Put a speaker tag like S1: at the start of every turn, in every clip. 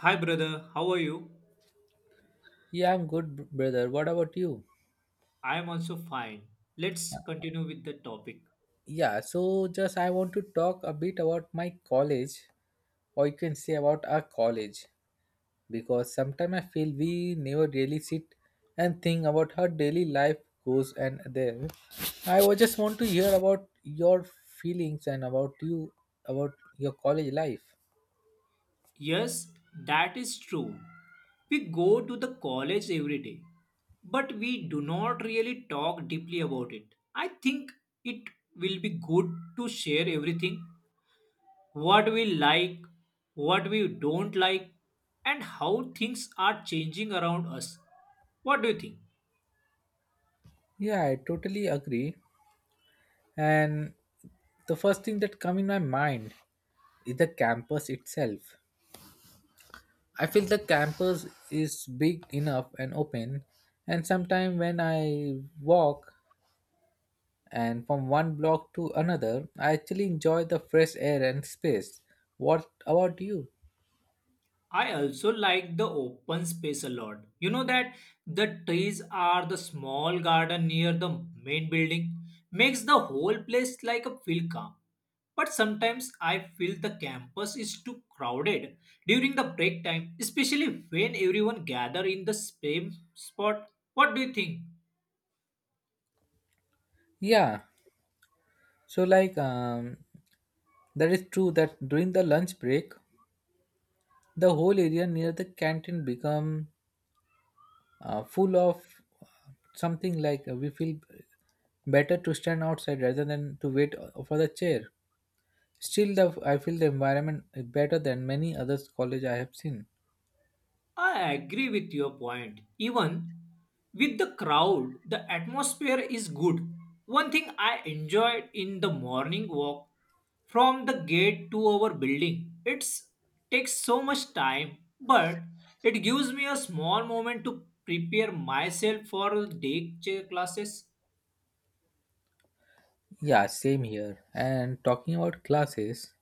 S1: Hi, brother. How are you?
S2: Yeah, I'm good, brother. What about you?
S1: I am also fine. Let's continue with the topic.
S2: Yeah, just I want to talk a bit about my college, or you can say about our college, because sometimes I feel we never really sit and think about how daily life goes and there. Just want to hear about your feelings and about you, about your college life.
S1: Yes, that is true. We go to the college every day, but we do not really talk deeply about it. I think it will be good to share everything what we like, what we don't like, and how things are changing around us. What do you think?
S2: Yeah, I totally agree. And the first thing that come in my mind is the campus itself. I feel the campus is big enough and open, and sometimes when I walk and from one block to another, I actually enjoy the fresh air and space. What about you?
S1: I also like the open space a lot. You know that the trees are the small garden near the main building makes the whole place like a feel calm. But sometimes I feel the campus is too crowded during the break time, especially when everyone gather in the same spot. What do you think?
S2: Yeah, so that is true that during the lunch break, the whole area near the canteen become full of uh, something we feel better to stand outside rather than to wait for the chair. Still, the I feel the environment is better than many other college I have seen.
S1: I agree with your point. Even with the crowd, the atmosphere is good. One thing I enjoyed in the morning walk from the gate to our building. It takes so much time, but it gives me a small moment to prepare myself for classes.
S2: Yeah, same here. And talking about classes,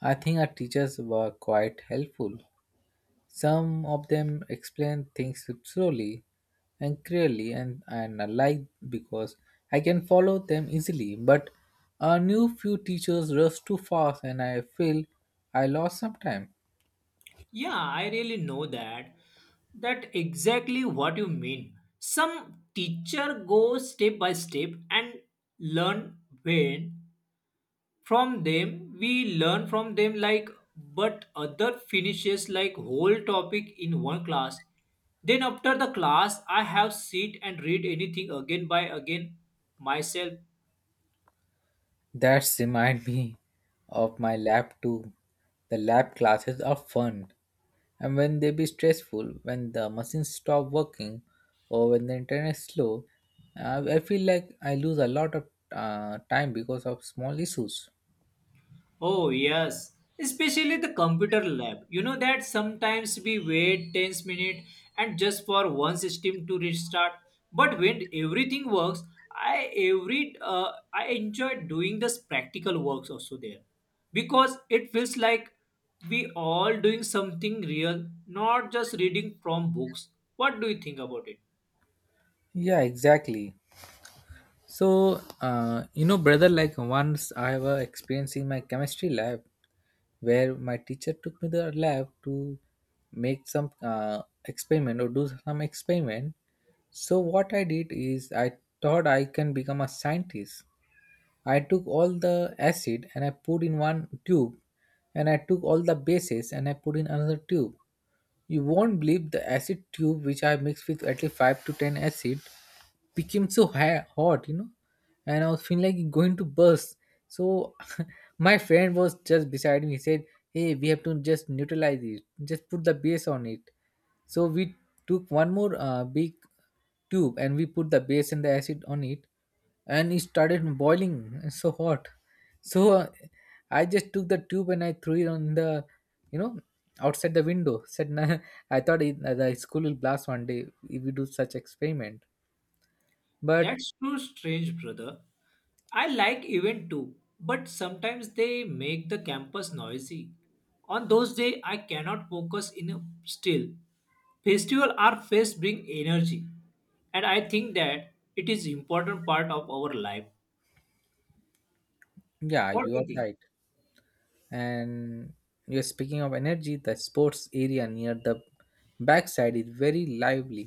S2: I think our teachers were quite helpful. Some of them explained things slowly and clearly, and I like because I can follow them easily. But a new few teachers rush too fast, and I feel I lost some time.
S1: Yeah, I really know that. That exactly what you mean. Some teacher go step by step and learn when from them we learn from them like but other finishes like whole topic in one class then after the class I have sit and read anything again by again myself.
S2: That's remind me of my lab too. The lab classes are fun, and when they be stressful, when the machines stop working, or when the internet is slow, I feel like I lose a lot of time because of small issues.
S1: Oh, yes. Especially the computer lab. You know that sometimes we wait 10 minutes and just for one system to restart. But when everything works, I enjoy doing this practical works also there because it feels like we all doing something real, not just reading from books. What do you think about it?
S2: Yeah, exactly. So, you know, brother, like once I have a experience in my chemistry lab where my teacher took me to the lab to make some experiment or do some experiment. So, what I did is I thought I can become a scientist. I took all the acid and I put in one tube, and I took all the bases and I put in another tube. You won't believe the acid tube which I mixed with at least five to ten acid became so hot, you know, and I was feeling like it going to burst. So my friend was just beside me. He said, "Hey, we have to just neutralize it. Just put the base on it." So we took one more big tube and we put the base and the acid on it, and it started boiling it's so hot so I just took the tube and I threw it on the you know outside the window said nah, I thought it, the school will blast one day if we do such experiment but
S1: That's too strange, brother. I like event too, but sometimes they make the campus noisy. On those days, I cannot focus in a still. Festival are fest bring energy, and I think that it is important part of our life.
S2: yeah
S1: What
S2: you
S1: do
S2: are
S1: you think?
S2: right. And you're speaking of energy the sports area near the backside is very lively.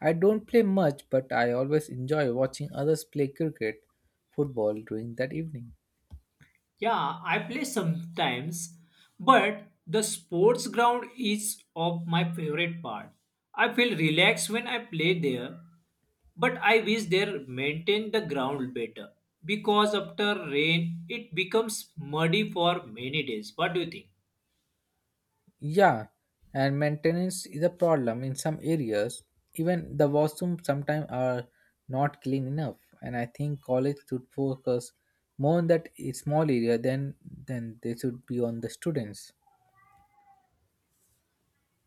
S2: I don't play much but I always enjoy watching others play cricket football during that evening.
S1: Yeah, I play sometimes, but the sports ground is of my favorite part. I feel relaxed when I play there, but I wish they maintain the ground better because after rain it becomes muddy for many days. What do you think?
S2: Yeah, and maintenance is a problem in some areas. Even the washrooms sometimes are not clean enough, and I think college should focus more on that small area than they should be on the students.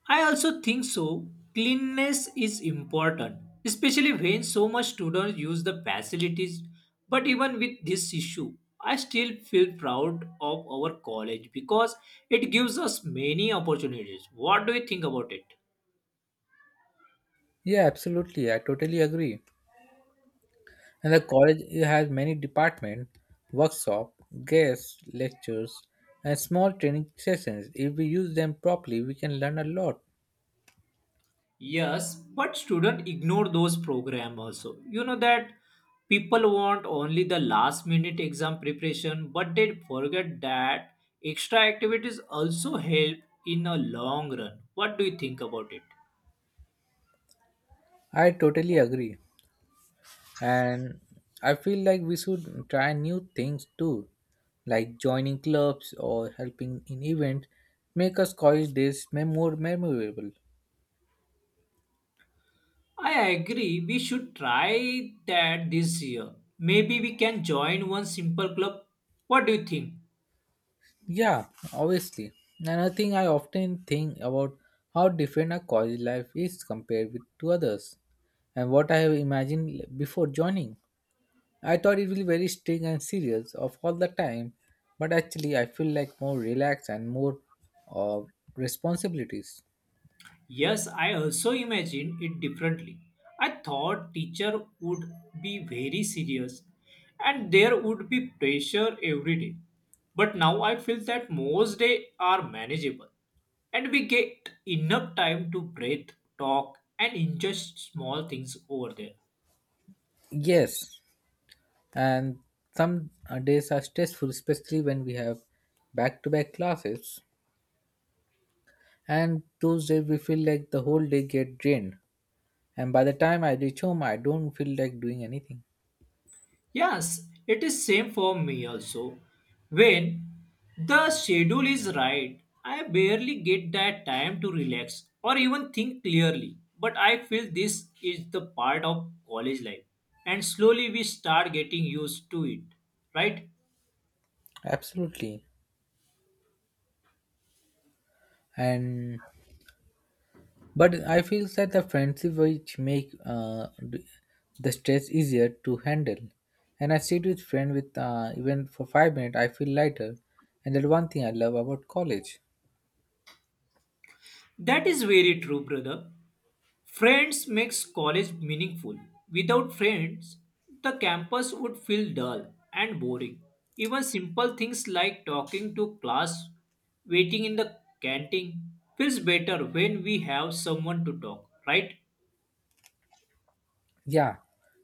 S1: I also think so. Cleanliness is important, especially when so much students use the facilities. But even with this issue, I still feel proud of our college because it gives us many opportunities. What do you think about it?
S2: Yeah, absolutely. I totally agree. And the college has many department, workshop, guest lectures, and small training sessions. If we use them properly, we can learn a lot.
S1: Yes, but student ignore those program also. You know that people want only the last minute exam preparation, but they forget that extra activities also help in a long run. What do you think about it?
S2: I totally agree. And I feel like we should try new things too like joining clubs or helping in events make us college days more memorable.
S1: I agree. We should try that this year. Maybe we can join one simple club. What do you think?
S2: Yeah, obviously. Another thing I often think about how different our college life is compared with to others and what I have imagined before joining. I thought it will be very strict and serious of all the time but actually I feel like more relaxed and more uh, responsibilities.
S1: Yes, I also imagined it differently. I thought teacher would be very serious and there would be pressure every day. But now I feel that most days are manageable and we get enough time to breathe, talk and enjoy small things over there.
S2: Yes, and some days are stressful especially when we have back to back classes and those days we feel like the whole day get drained and by the time I reach home I don't feel like doing anything.
S1: Yes, it is same for me also. When the schedule is right, I barely get that time to relax or even think clearly. But I feel this is the part of college life and slowly we start getting used to it. Right?
S2: Absolutely. And but I feel that the friendship which make the stress easier to handle and I sit with friend with even for 5 minutes I feel lighter and that one thing I love about college.
S1: That is very true, brother. Friends makes college meaningful. Without friends, the campus would feel dull and boring. Even simple things like talking to class, waiting in the canteen feels better when we have someone to talk, right?
S2: Yeah,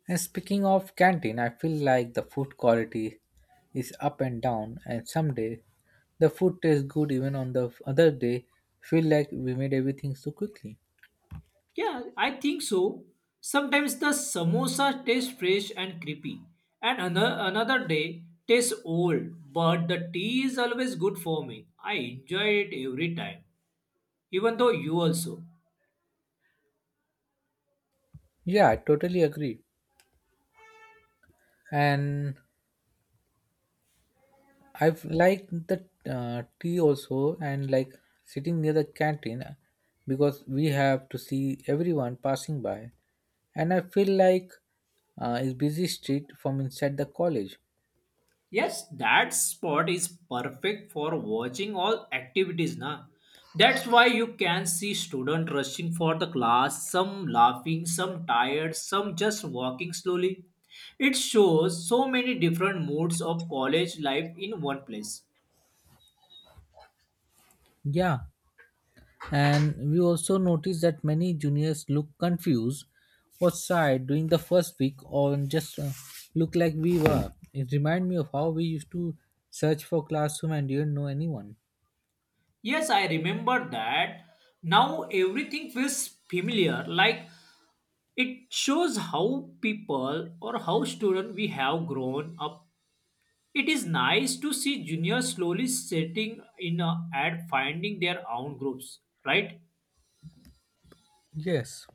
S2: and speaking of canteen, I feel like the food quality is up and down, and some day the food tastes good, even on the other day, feel like we made everything so quickly.
S1: Yeah, I think so. Sometimes the samosa tastes fresh and creepy, and another day tastes old, but the tea is always good for me. I enjoy it every time, even though you also.
S2: Yeah, I totally agree. And I've liked the tea also, and like sitting near the canteen because we have to see everyone passing by, and I feel like it's busy street from inside the college.
S1: Yes, that spot is perfect for watching all activities, na. That's why you can see student rushing for the class, some laughing, some tired, some just walking slowly. It shows so many different moods of college life in one place.
S2: Yeah, and we also noticed that many juniors look confused, was tired during the first week, or just look like we were. It reminded me of how we used to search for classroom and didn't know anyone.
S1: Yes, I remember that. Now everything feels familiar, like it shows how people or how student we have grown up. It is nice to see juniors slowly setting in at finding their own groups, right?
S2: Yes,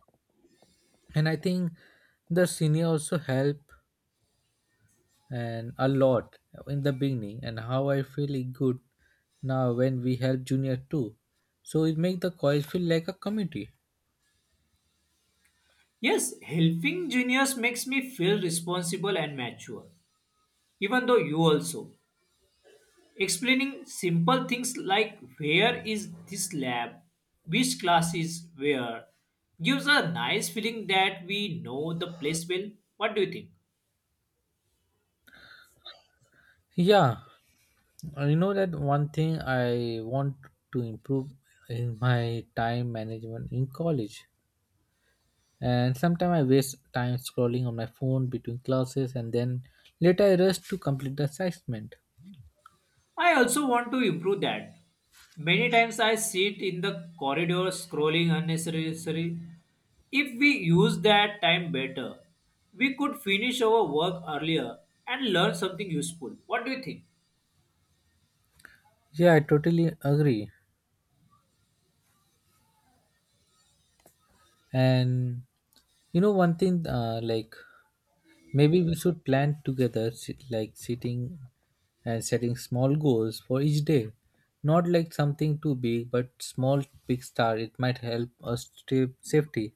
S2: and I think the senior also helped and a lot in the beginning, and how I feel it good now when we help junior too. So it make the college feel like a community.
S1: Yes, helping juniors makes me feel responsible and mature, even though you also. Explaining simple things like where is this lab, which class is where, gives a nice feeling that we know the place well. What do you think?
S2: Yeah, you know that one thing I want to improve in my time management in college. And sometimes I waste time scrolling on my phone between classes and then later I rush to complete the assignment.
S1: I also want to improve that. Many times I sit in the corridor scrolling unnecessarily. If we use that time better, we could finish our work earlier and learn something useful. What do you think?
S2: Yeah, I totally agree. And you know one thing like maybe we should plan together like sitting and setting small goals for each day, not like something too big but small big start it might help us stay safety.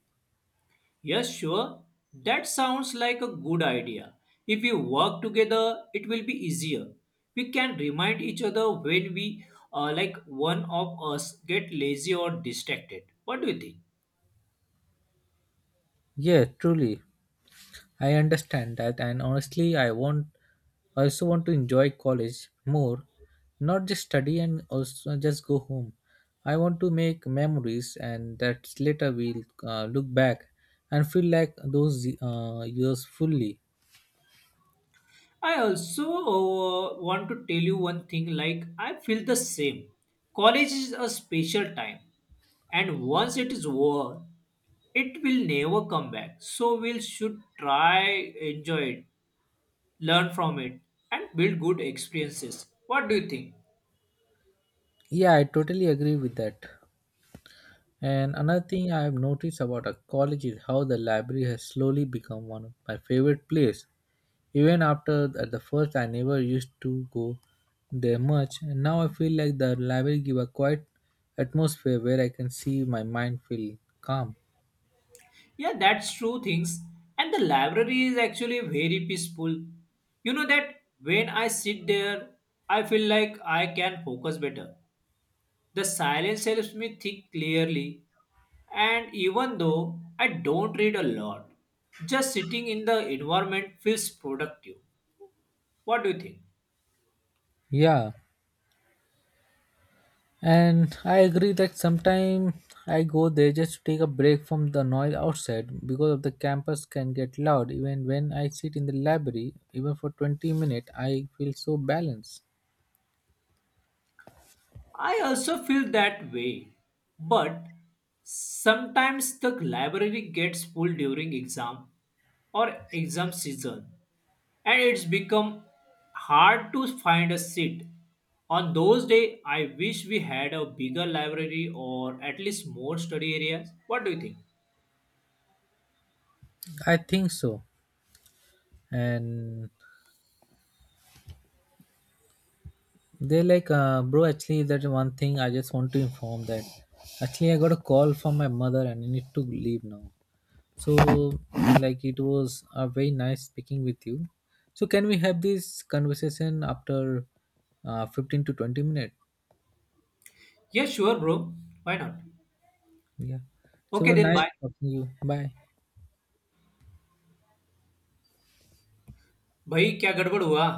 S1: Yes, sure. That sounds like a good idea. If we work together, it will be easier. We can remind each other when we, like one of us, get lazy or distracted. What do you think?
S2: Yeah, truly. I understand that and honestly. I also want to enjoy college more, not just study and also just go home. I want to make memories and that later we'll look back and feel like those years fully.
S1: I also want to tell you one thing like I feel the same. College is a special time and once it is over it will never come back. So we should try enjoy it, learn from it and build good experiences. What do you think?
S2: Yeah, I totally agree with that. And another thing I have noticed about a college is how the library has slowly become one of my favorite place. Even after at the first I never used to go there much, and now I feel like the library give a quiet atmosphere where I can see my mind feel calm.
S1: Yeah, that's true things and the library is actually very peaceful. You know that when I sit there I feel like I can focus better. The silence helps me think clearly, and even though I don't read a lot, just sitting in the environment feels productive. What do you think?
S2: Yeah, and I agree that sometimes I go there just to take a break from the noise outside because of the campus can get loud. Even when I sit in the library, even for 20 minutes, I feel so balanced.
S1: I also feel that way, but sometimes the library gets full during exam or exam season, and it's become hard to find a seat. On those days, I wish we had a bigger library or at least more study areas. What do you think?
S2: I think so. And bro, actually, that one thing I just want to inform that actually I got a call from my mother and I need to leave now. So, like, it was a very nice speaking with you. So, can we have this conversation after 15 to 20 minutes?
S1: Yeah, sure, bro. Why not?
S2: Yeah. So, it
S1: Okay,
S2: was
S1: then
S2: nice
S1: bye.
S2: talking to you. Bye.
S1: भाई क्या गड़बड़ हुआ